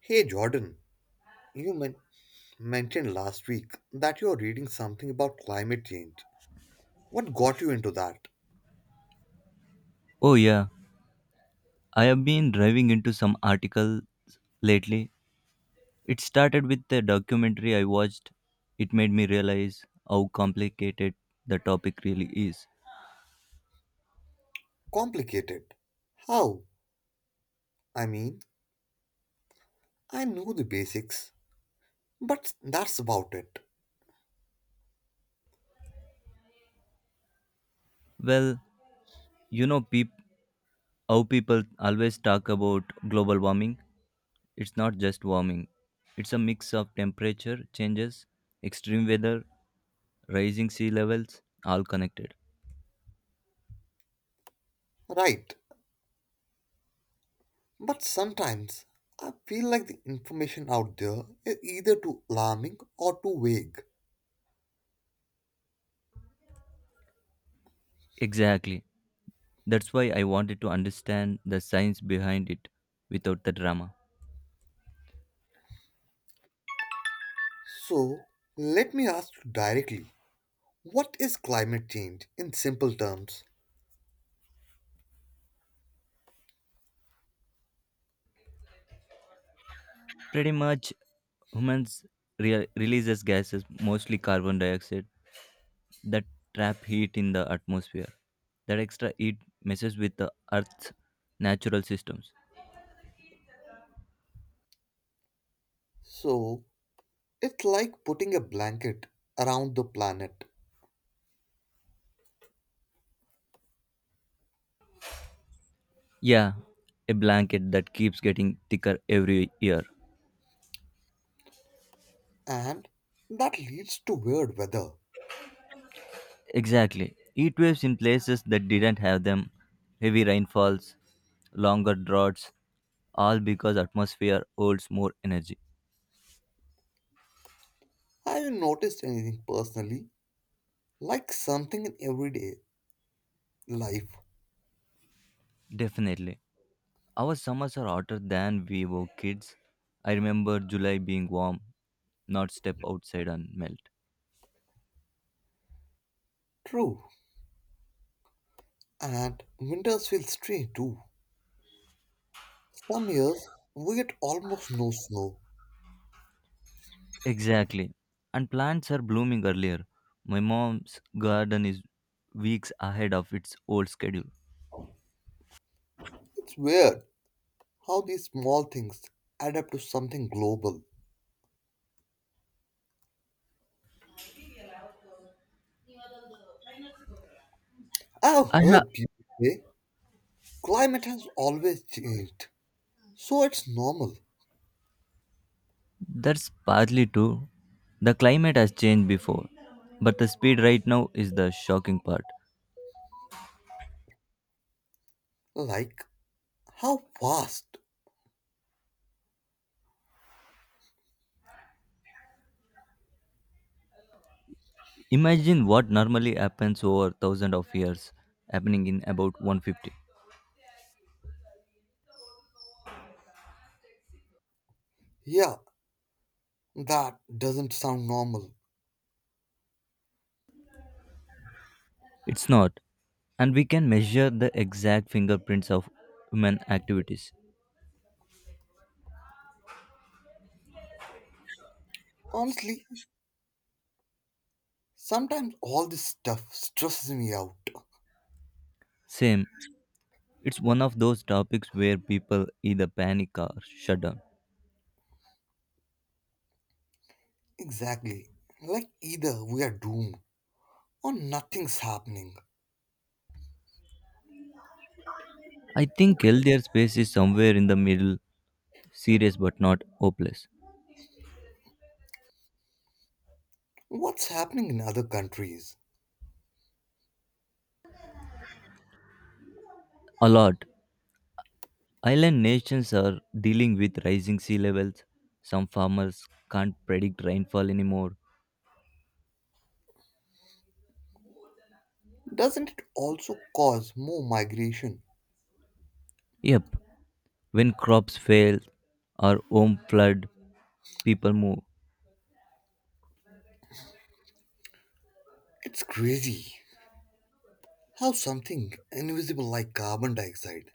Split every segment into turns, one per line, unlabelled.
Hey Jordan, you men- mentioned last week that you are reading something about climate change. What got you into that?
Oh, yeah. I have been driving into some articles lately. It started with the documentary I watched. It made me realize how complicated the topic really is.
Complicated. How? I mean, I know the basics, but that's about it.
Well, you know peop- how people always talk about global warming? It's not just warming, it's a mix of temperature changes, extreme weather, rising sea levels, all connected.
Right. But sometimes I feel like the information out there is either too alarming or too vague.
Exactly. That's why I wanted to understand the science behind it without the drama.
So, let me ask you directly, what is climate change in simple terms?
Pretty much humans releases gases, mostly carbon dioxide, that trap heat in the atmosphere. That extra heat messes with the Earth's natural systems.
So, it's like putting a blanket around the planet,
Yeah, a blanket that keeps getting thicker every year.
and that leads to weird weather.
Exactly. Heat waves in places that didn't have them, heavy rainfalls, longer droughts, all because atmosphere holds more energy.
Have you noticed anything personally? Like something in everyday life.
Definitely. Our summers are hotter than we were kids. I remember July being warm, not step outside and melt.
True, and winters feel strange too. Some years we get almost no snow.
Exactly. And plants are blooming earlier. My mom's garden is weeks ahead of its old schedule.
It's weird how these small things add up to something global. I've
I ha-
heard people say climate has always changed, so it's normal.
that's partly true. The climate has changed before, but the speed right now is the shocking part.
Like how fast?
Imagine what normally happens over thousands of years, happening in about 150.
Yeah, that doesn't sound normal.
It's not. And we can measure the exact fingerprints of human activities.
Honestly, sometimes all this stuff stresses me out.
Same, it's one of those topics where people either panic or shut down.
Exactly. Like either we are doomed or nothing's happening.
I think healthier space is somewhere in the middle, serious but not hopeless.
What's happening in other countries?
A lot. Island nations are dealing with rising sea levels. Some farmers can't predict rainfall anymore.
Doesn't it also cause more migration?
Yep, when crops fail or home flood, people move.
It's crazy how something invisible like carbon dioxide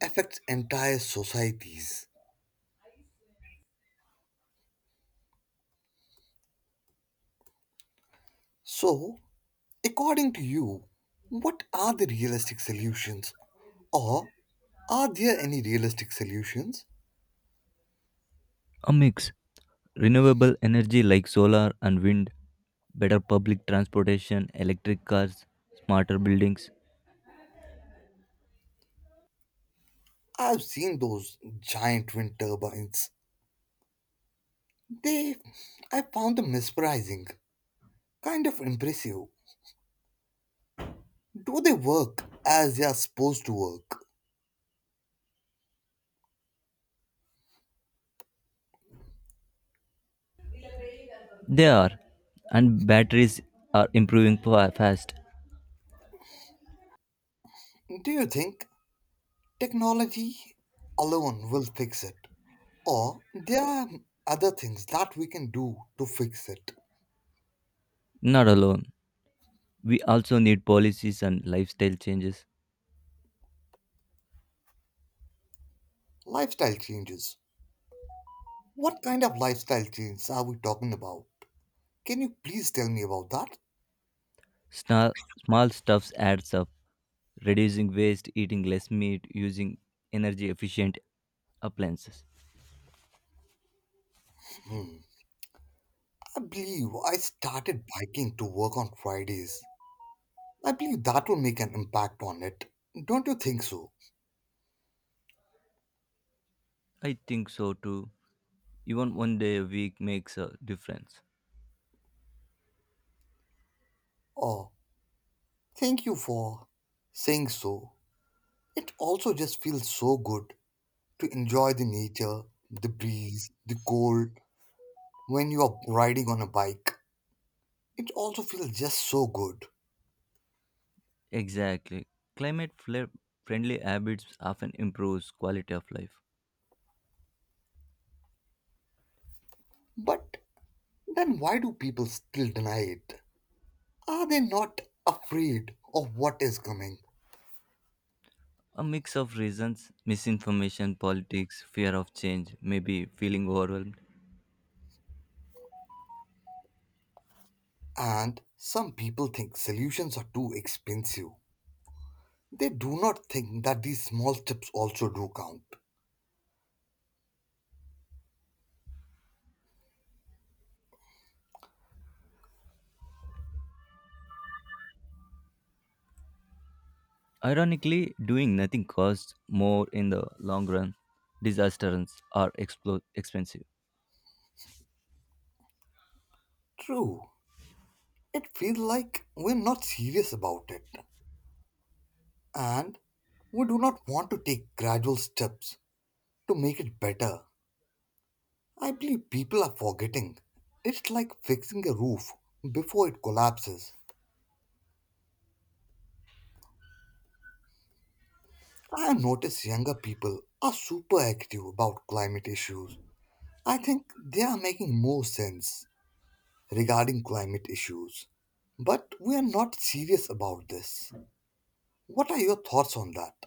affects entire societies. So, according to you, what are the realistic solutions? Or are there any realistic solutions?
A mix. Renewable energy like solar and wind, better public transportation, electric cars, smarter buildings.
I've seen those giant wind turbines. They, I found them mesmerizing, kind of impressive. Do they work as they are supposed to work?
They are. And batteries are improving fast.
Do you think technology alone will fix it? Or there are other things that we can do to fix it?
Not alone. We also need policies and lifestyle changes.
Lifestyle changes. What kind of lifestyle changes are we talking about? Can you please tell me about that?
Small, small stuffs adds up. Reducing waste, eating less meat, using energy efficient appliances.
Hmm. I believe I started biking to work on Fridays. I believe that will make an impact on it. Don't you think so?
I think so too. Even 1 day a week makes a difference.
Oh, thank you for saying so. It also just feels so good to enjoy the nature, the breeze, the cold when you are riding on a bike. It also feels just so good.
Exactly. Climate friendly habits often improves quality of life.
But then why do people still deny it? Are they not afraid of what is coming?
A mix of reasons, misinformation, politics, fear of change, maybe feeling overwhelmed.
And some people think solutions are too expensive. They do not think that these small tips also do count.
Ironically, doing nothing costs more in the long run. Disasters are expensive.
True, it feels like we're not serious about it, and we do not want to take gradual steps to make it better. I believe people are forgetting. It's like fixing a roof before it collapses. I have noticed younger people are super active about climate issues. I think they are making more sense regarding climate issues. But we are not serious about this. What are your thoughts on that?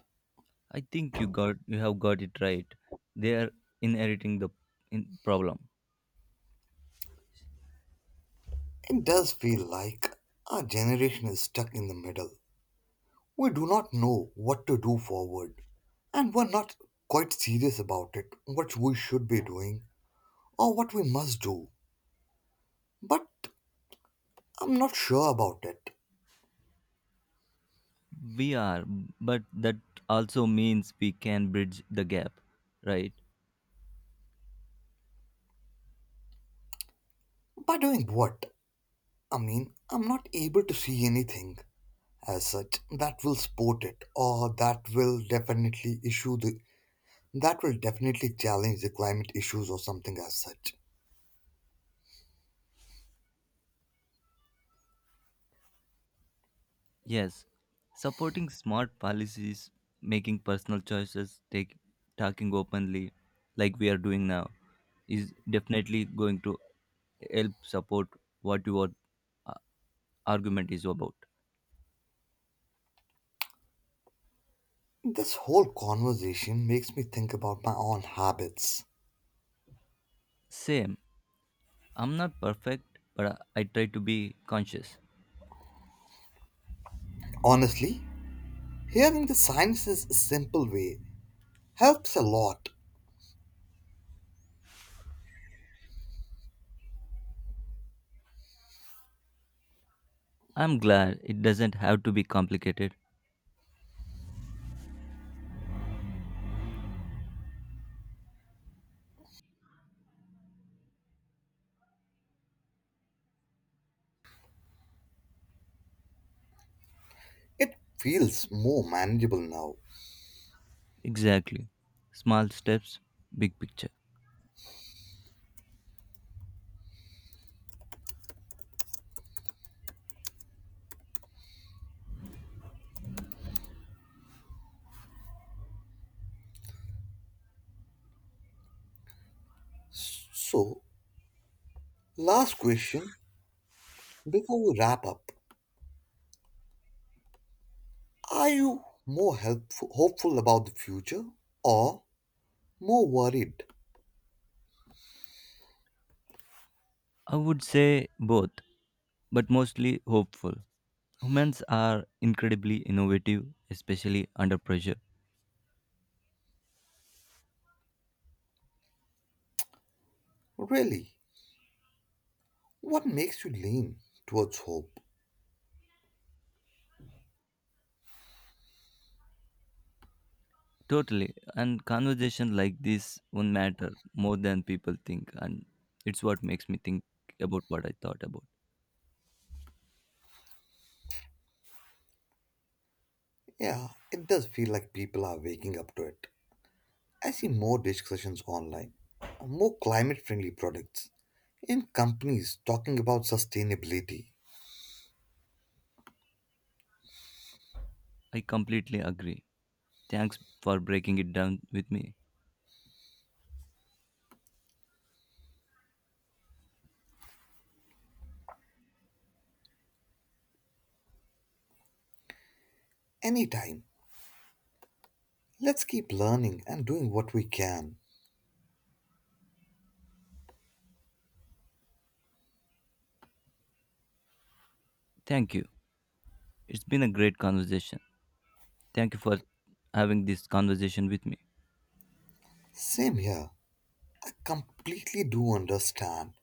I think you got You have got it right. They are inheriting the in problem.
It does feel like our generation is stuck in the middle. We do not know what to do forward, and we're not quite serious about it, what we should be doing or what we must do. But I'm not sure about it.
We are, but that also means we can bridge the gap, right?
By doing what? I'm not able to see anything as such that will support it or that will definitely challenge the climate issues or something as such.
Yes, supporting smart policies, making personal choices, talking openly, like we are doing now, is definitely going to help support what your uh, argument is about.
This whole conversation makes me think about my own habits.
Same, I'm not perfect, but I try to be conscious.
Honestly, hearing the science's a simple way helps a lot.
I'm glad it doesn't have to be complicated.
It feels more manageable now.
Exactly. Small steps, big picture.
So, last question before we wrap up. Are you more helpful, hopeful about the future or more worried?
I would say both, but mostly hopeful. Humans are incredibly innovative, especially under pressure.
Really, what makes you lean towards hope?
Totally. And conversation like this won't matter more than people think. And it's what makes me think about what I thought about.
Yeah, it does feel like people are waking up to it. I see more discussions online, more climate friendly products, and companies talking about sustainability.
I completely agree. Thanks for breaking it down with me.
Anytime, let's keep learning and doing what we can.
Thank you. It's been a great conversation. Thank you for having this conversation with me.
Same here. I completely do understand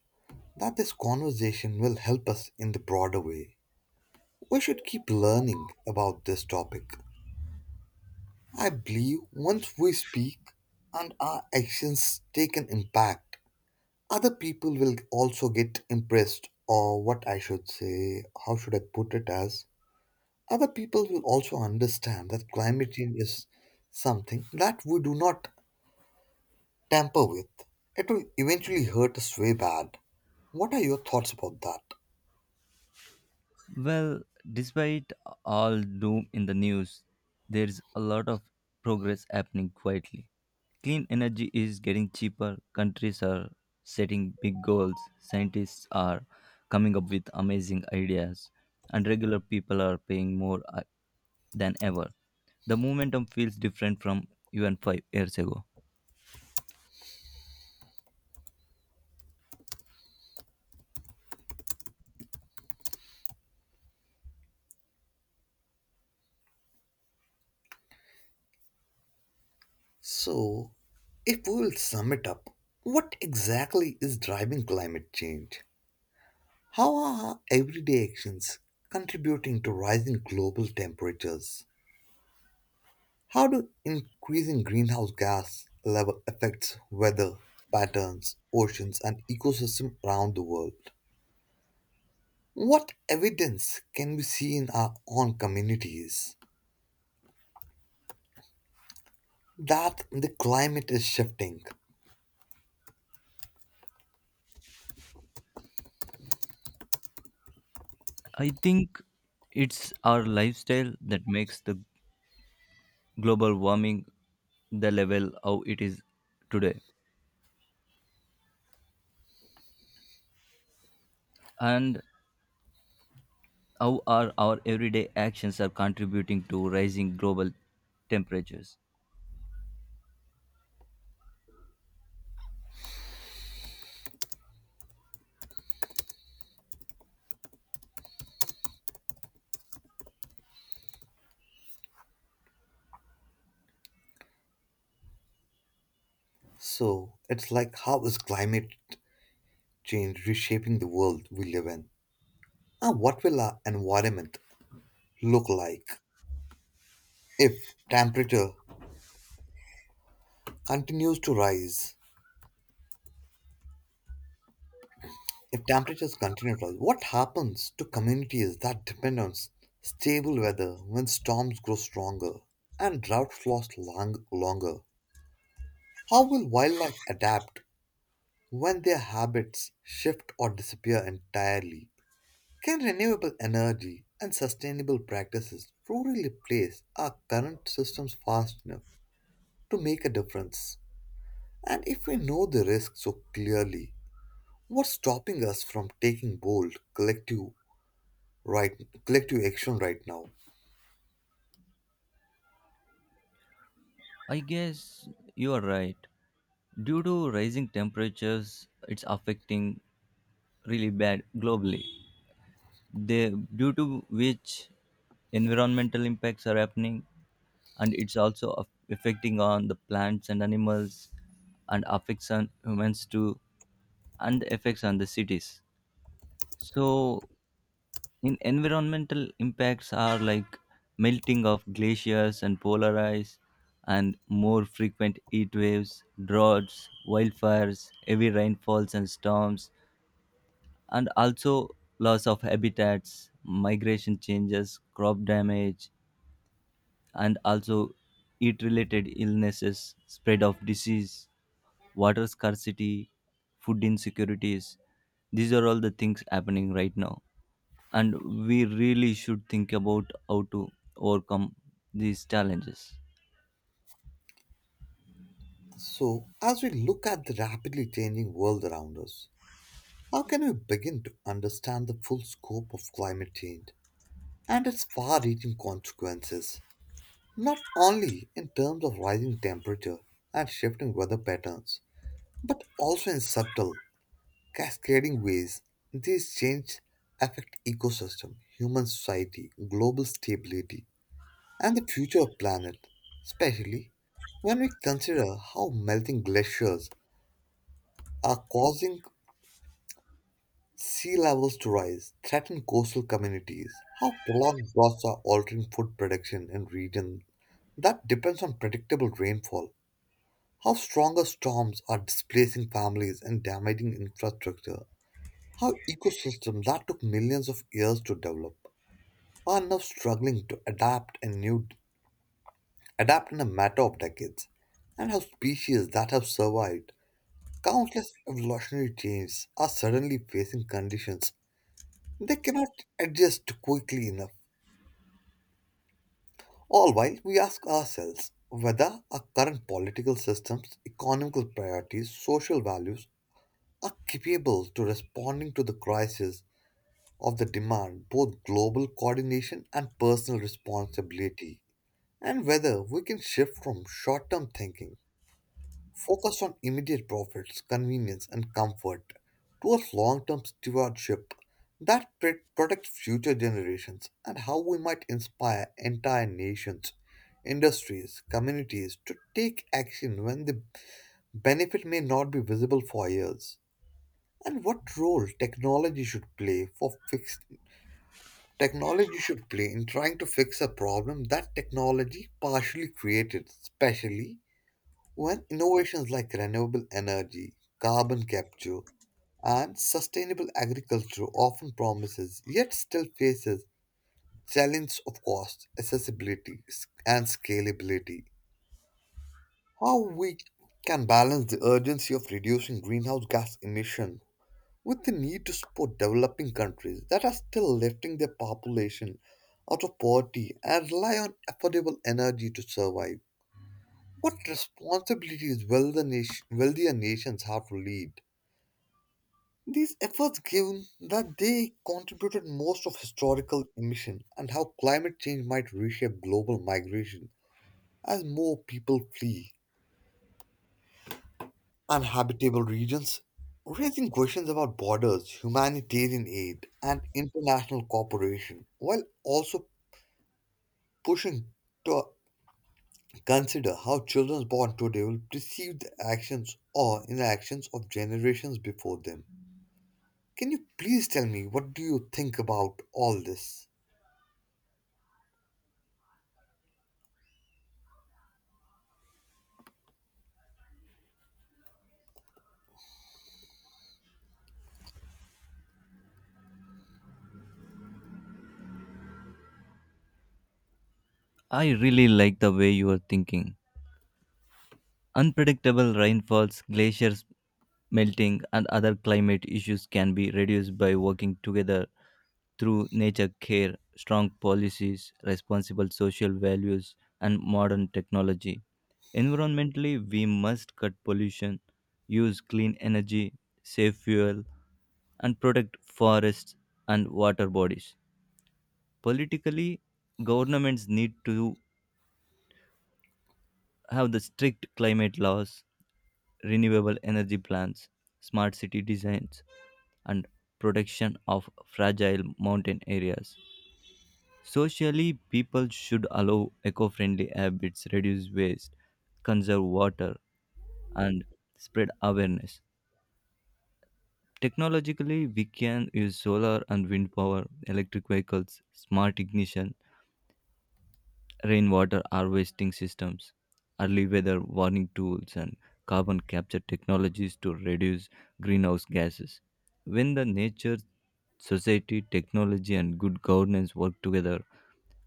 that this conversation will help us in the broader way. We should keep learning about this topic. I believe once we speak and our actions take an impact, other people will also get impressed, or what I should say how should I put it as other people will also understand that climate change is something that we do not tamper with. It will eventually hurt us way bad. What are your thoughts about that?
Well, despite all doom in the news, there's a lot of progress happening quietly. Clean energy is getting cheaper, countries are setting big goals, scientists are coming up with amazing ideas, and regular people are paying more than ever. The momentum feels different from even 5 years ago.
So, if we will sum it up, what exactly is driving climate change? How are our everyday actions contributing to rising global temperatures? How do increasing greenhouse gas level affects weather patterns, oceans, and ecosystems around the world? What evidence can we see in our own communities that the climate is shifting?
I think it's our lifestyle that makes the global warming the level how it is today. And how are our everyday actions are contributing to rising global temperatures?
So, it's like how is climate change reshaping the world we live in? And what will our environment look like if temperature continues to rise? If temperatures continue to rise, what happens to communities that depend on stable weather when storms grow stronger and droughts last longer? How will wildlife adapt when their habits shift or disappear entirely? Can renewable energy and sustainable practices truly replace our current systems fast enough to make a difference? And if we know the risks so clearly, what's stopping us from taking bold, collective, right, collective action right now?
I guess you are right. Due to rising temperatures it's affecting really bad globally, they, due to which environmental impacts are happening, and it's also affecting on the plants and animals, and affects on humans too, and affects on the cities. So in environmental impacts are like melting of glaciers and polar ice, and more frequent heat waves, droughts, wildfires, heavy rainfalls and storms, and also loss of habitats, migration changes, crop damage, and also heat related illnesses, spread of disease, water scarcity, food insecurities. These are all the things happening right now, and we really should think about how to overcome these challenges.
So, as we look at the rapidly changing world around us, how can we begin to understand the full scope of climate change and its far reaching consequences, not only in terms of rising temperature and shifting weather patterns, but also in subtle, cascading ways these changes affect ecosystem, human society, global stability, and the future of planet, especially when we consider how melting glaciers are causing sea levels to rise, threaten coastal communities, how prolonged droughts are altering food production in regions that depends on predictable rainfall, how stronger storms are displacing families and damaging infrastructure, how ecosystems that took millions of years to develop are now struggling to adapt in a matter of decades, and how species that have survived countless evolutionary changes are suddenly facing conditions they cannot adjust quickly enough. All while we ask ourselves whether our current political systems, economical priorities, social values are capable to responding to the crisis of the demand both global coordination and personal responsibility, and whether we can shift from short-term thinking focus on immediate profits, convenience, and comfort towards long term stewardship that protects future generations, and how we might inspire entire nations, industries, communities to take action when the benefit may not be visible for years. And what role technology should play in trying to fix a problem that technology partially created, especially when innovations like renewable energy, carbon capture, and sustainable agriculture often promises yet still faces challenge of cost, accessibility, and scalability. How we can balance the urgency of reducing greenhouse gas emission with the need to support developing countries that are still lifting their population out of poverty and rely on affordable energy to survive. What responsibilities will wealthier nations have to lead these efforts, given that they contributed most of historical emission, and how climate change might reshape global migration as more people flee uninhabitable regions, raising questions about borders, humanitarian aid, and international cooperation, while also pushing to consider how children born today will perceive the actions or inactions of generations before them. Can you please tell me what do you think about all this?
I really like the way you are thinking. Unpredictable rainfalls, glaciers melting, and other climate issues can be reduced by working together through nature care, strong policies, responsible social values, and modern technology. Environmentally, we must cut pollution, use clean energy, save fuel, and protect forests and water bodies. Politically, governments need to have the strict climate laws, renewable energy plants, smart city designs, and protection of fragile mountain areas. Socially, people should allow eco friendly habits, reduce waste, conserve water, and spread awareness. Technologically, we can use solar and wind power, electric vehicles, smart ignition, rainwater harvesting systems, early weather warning tools, and carbon capture technologies to reduce greenhouse gases. When the nature, society, technology, and good governance work together,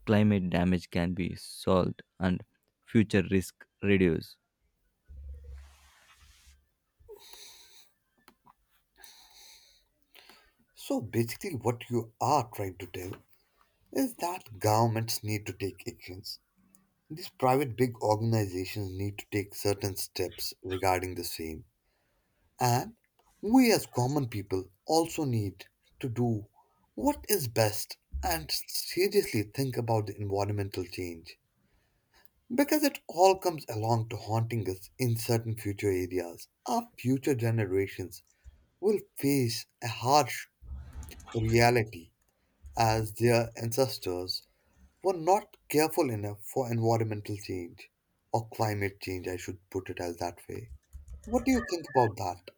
climate damage can be solved and future risk reduced.
So basically what you are trying to tell is that governments need to take actions. These private big organizations need to take certain steps regarding the same. And we as common people also need to do what is best and seriously think about the environmental change. Because it all comes along to haunting us in certain future areas. Our future generations will face a harsh reality as their ancestors were not careful enough for environmental change or climate change, I should put it as that way. What do you think about that?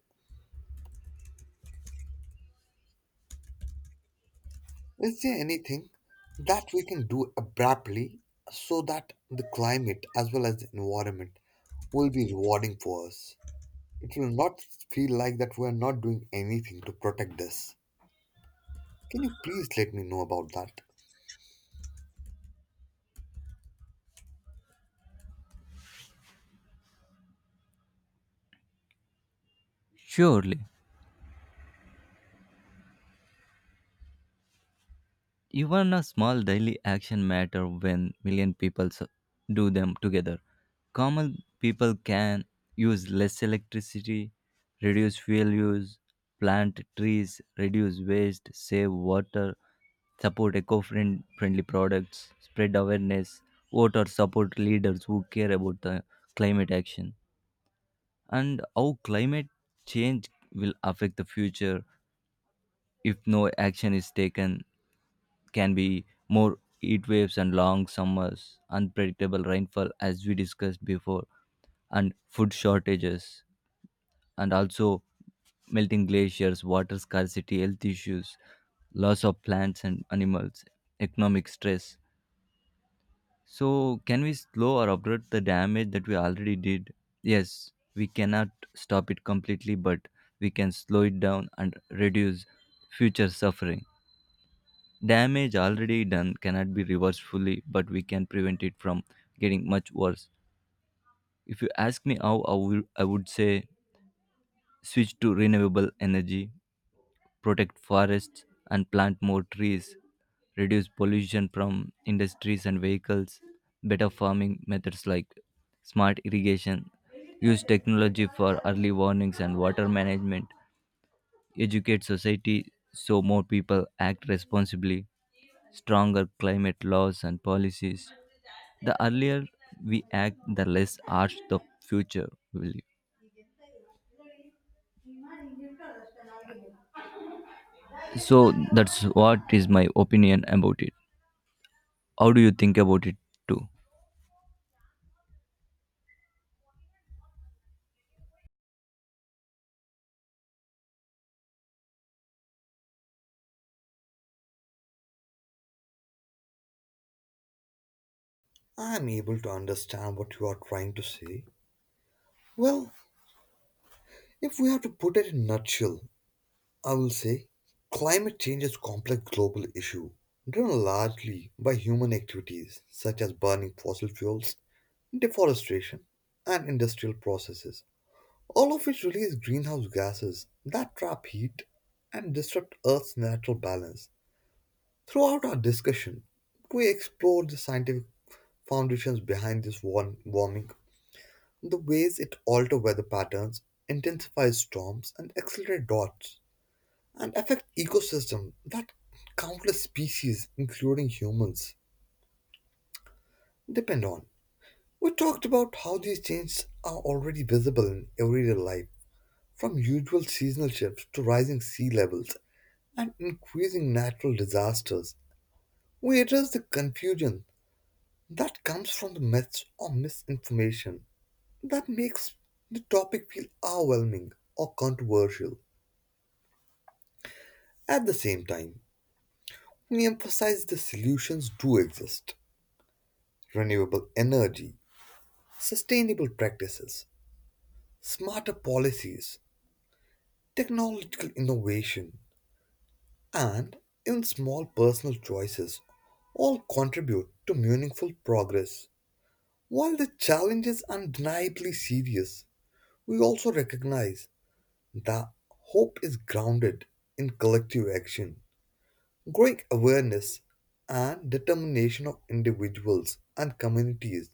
Is there anything that we can do abruptly so that the climate as well as the environment will be rewarding for us? It will not feel like that we are not doing anything to protect this. Can you please let me know about that?
Surely. Even a small daily action matter when 1 million people do them together. Common people can use less electricity, reduce fuel use, plant trees, reduce waste, save water, support eco-friendly products, spread awareness, vote or support leaders who care about the climate action. And how climate change will affect the future if no action is taken can be more heat waves and long summers, unpredictable rainfall, as we discussed before, and food shortages, and also melting glaciers, water scarcity, health issues, loss of plants and animals, economic stress. So, can we slow or avert the damage that we already did? Yes, we cannot stop it completely, but we can slow it down and reduce future suffering. Damage already done cannot be reversed fully, but we can prevent it from getting much worse. If you ask me how, I would say switch to renewable energy, protect forests, and plant more trees, reduce pollution from industries and vehicles, better farming methods like smart irrigation, use technology for early warnings and water management, educate society so more people act responsibly, stronger climate laws and policies. The earlier we act, the less harsh the future will be. So that's what is my opinion about it. How do you think about it too?
I'm able to understand what you are trying to say. Well, if we have to put it in a nutshell, I will say climate change is a complex global issue driven largely by human activities such as burning fossil fuels, deforestation, and industrial processes, all of which release greenhouse gases that trap heat and disrupt Earth's natural balance. Throughout our discussion, we explored the scientific foundations behind this warming, the ways it alter weather patterns, intensify storms, and accelerate droughts, and affect ecosystems that countless species, including humans, depend on. We talked about how these changes are already visible in everyday life, from usual seasonal shifts to rising sea levels and increasing natural disasters. We address the confusion that comes from the myths or misinformation that makes the topic feel overwhelming or controversial. At the same time, we emphasize the solutions do exist: renewable energy, sustainable practices, smarter policies, technological innovation, and even small personal choices all contribute to meaningful progress. While the challenge is undeniably serious, we also recognize that hope is grounded in collective action, growing awareness, and determination of individuals and communities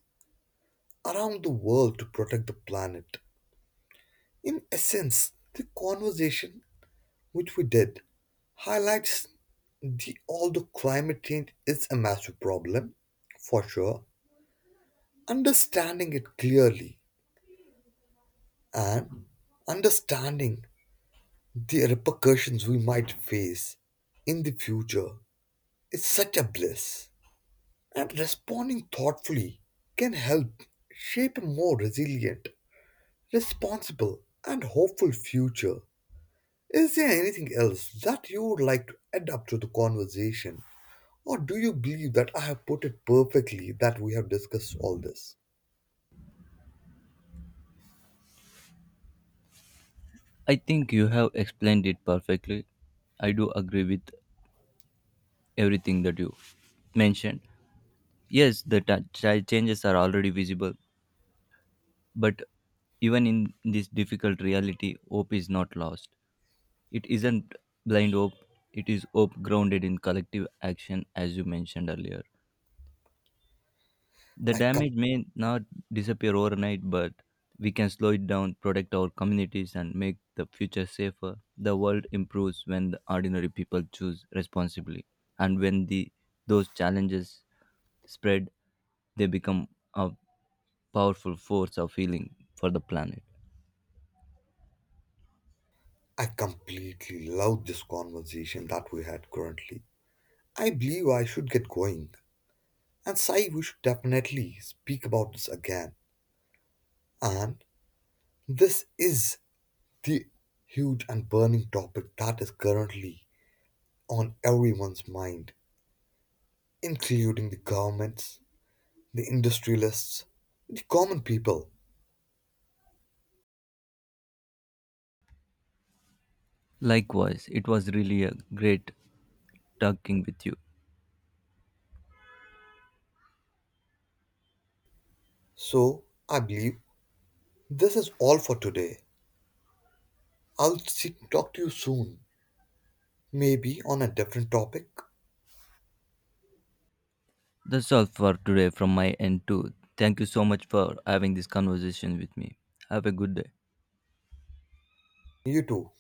around the world to protect the planet. In essence, the conversation which we did highlights the although climate change is a massive problem, for sure, understanding it clearly and understanding the repercussions we might face in the future is such a bliss. And responding thoughtfully can help shape a more resilient, responsible, and hopeful future. Is there anything else that you would like to add up to the conversation? Or do you believe that I have put it perfectly that we have discussed all this?
I think you have explained it perfectly. I do agree with everything that you mentioned. Yes, the changes are already visible, but even in this difficult reality, hope is not lost. It isn't blind hope, it is hope grounded in collective action, as you mentioned earlier. The
I, com-
damage may not disappear overnight, but we can slow it down, protect our communities, and make the future safer. The world improves when the ordinary people choose responsibly, and when the those challenges spread, they become a powerful force of healing for the planet.
I completely love this conversation that we had currently. I believe I should get going. And Sai, we should definitely speak about this again. And this is the huge and burning topic that is currently on everyone's mind, including the governments, the industrialists, the common people.
Likewise, it was really a great talking with you.
So, I believe this is all for today. Talk to you soon, maybe on a different topic.
That's all for today from my end, too. Thank you so much for having this conversation with me. Have a good day.
You too.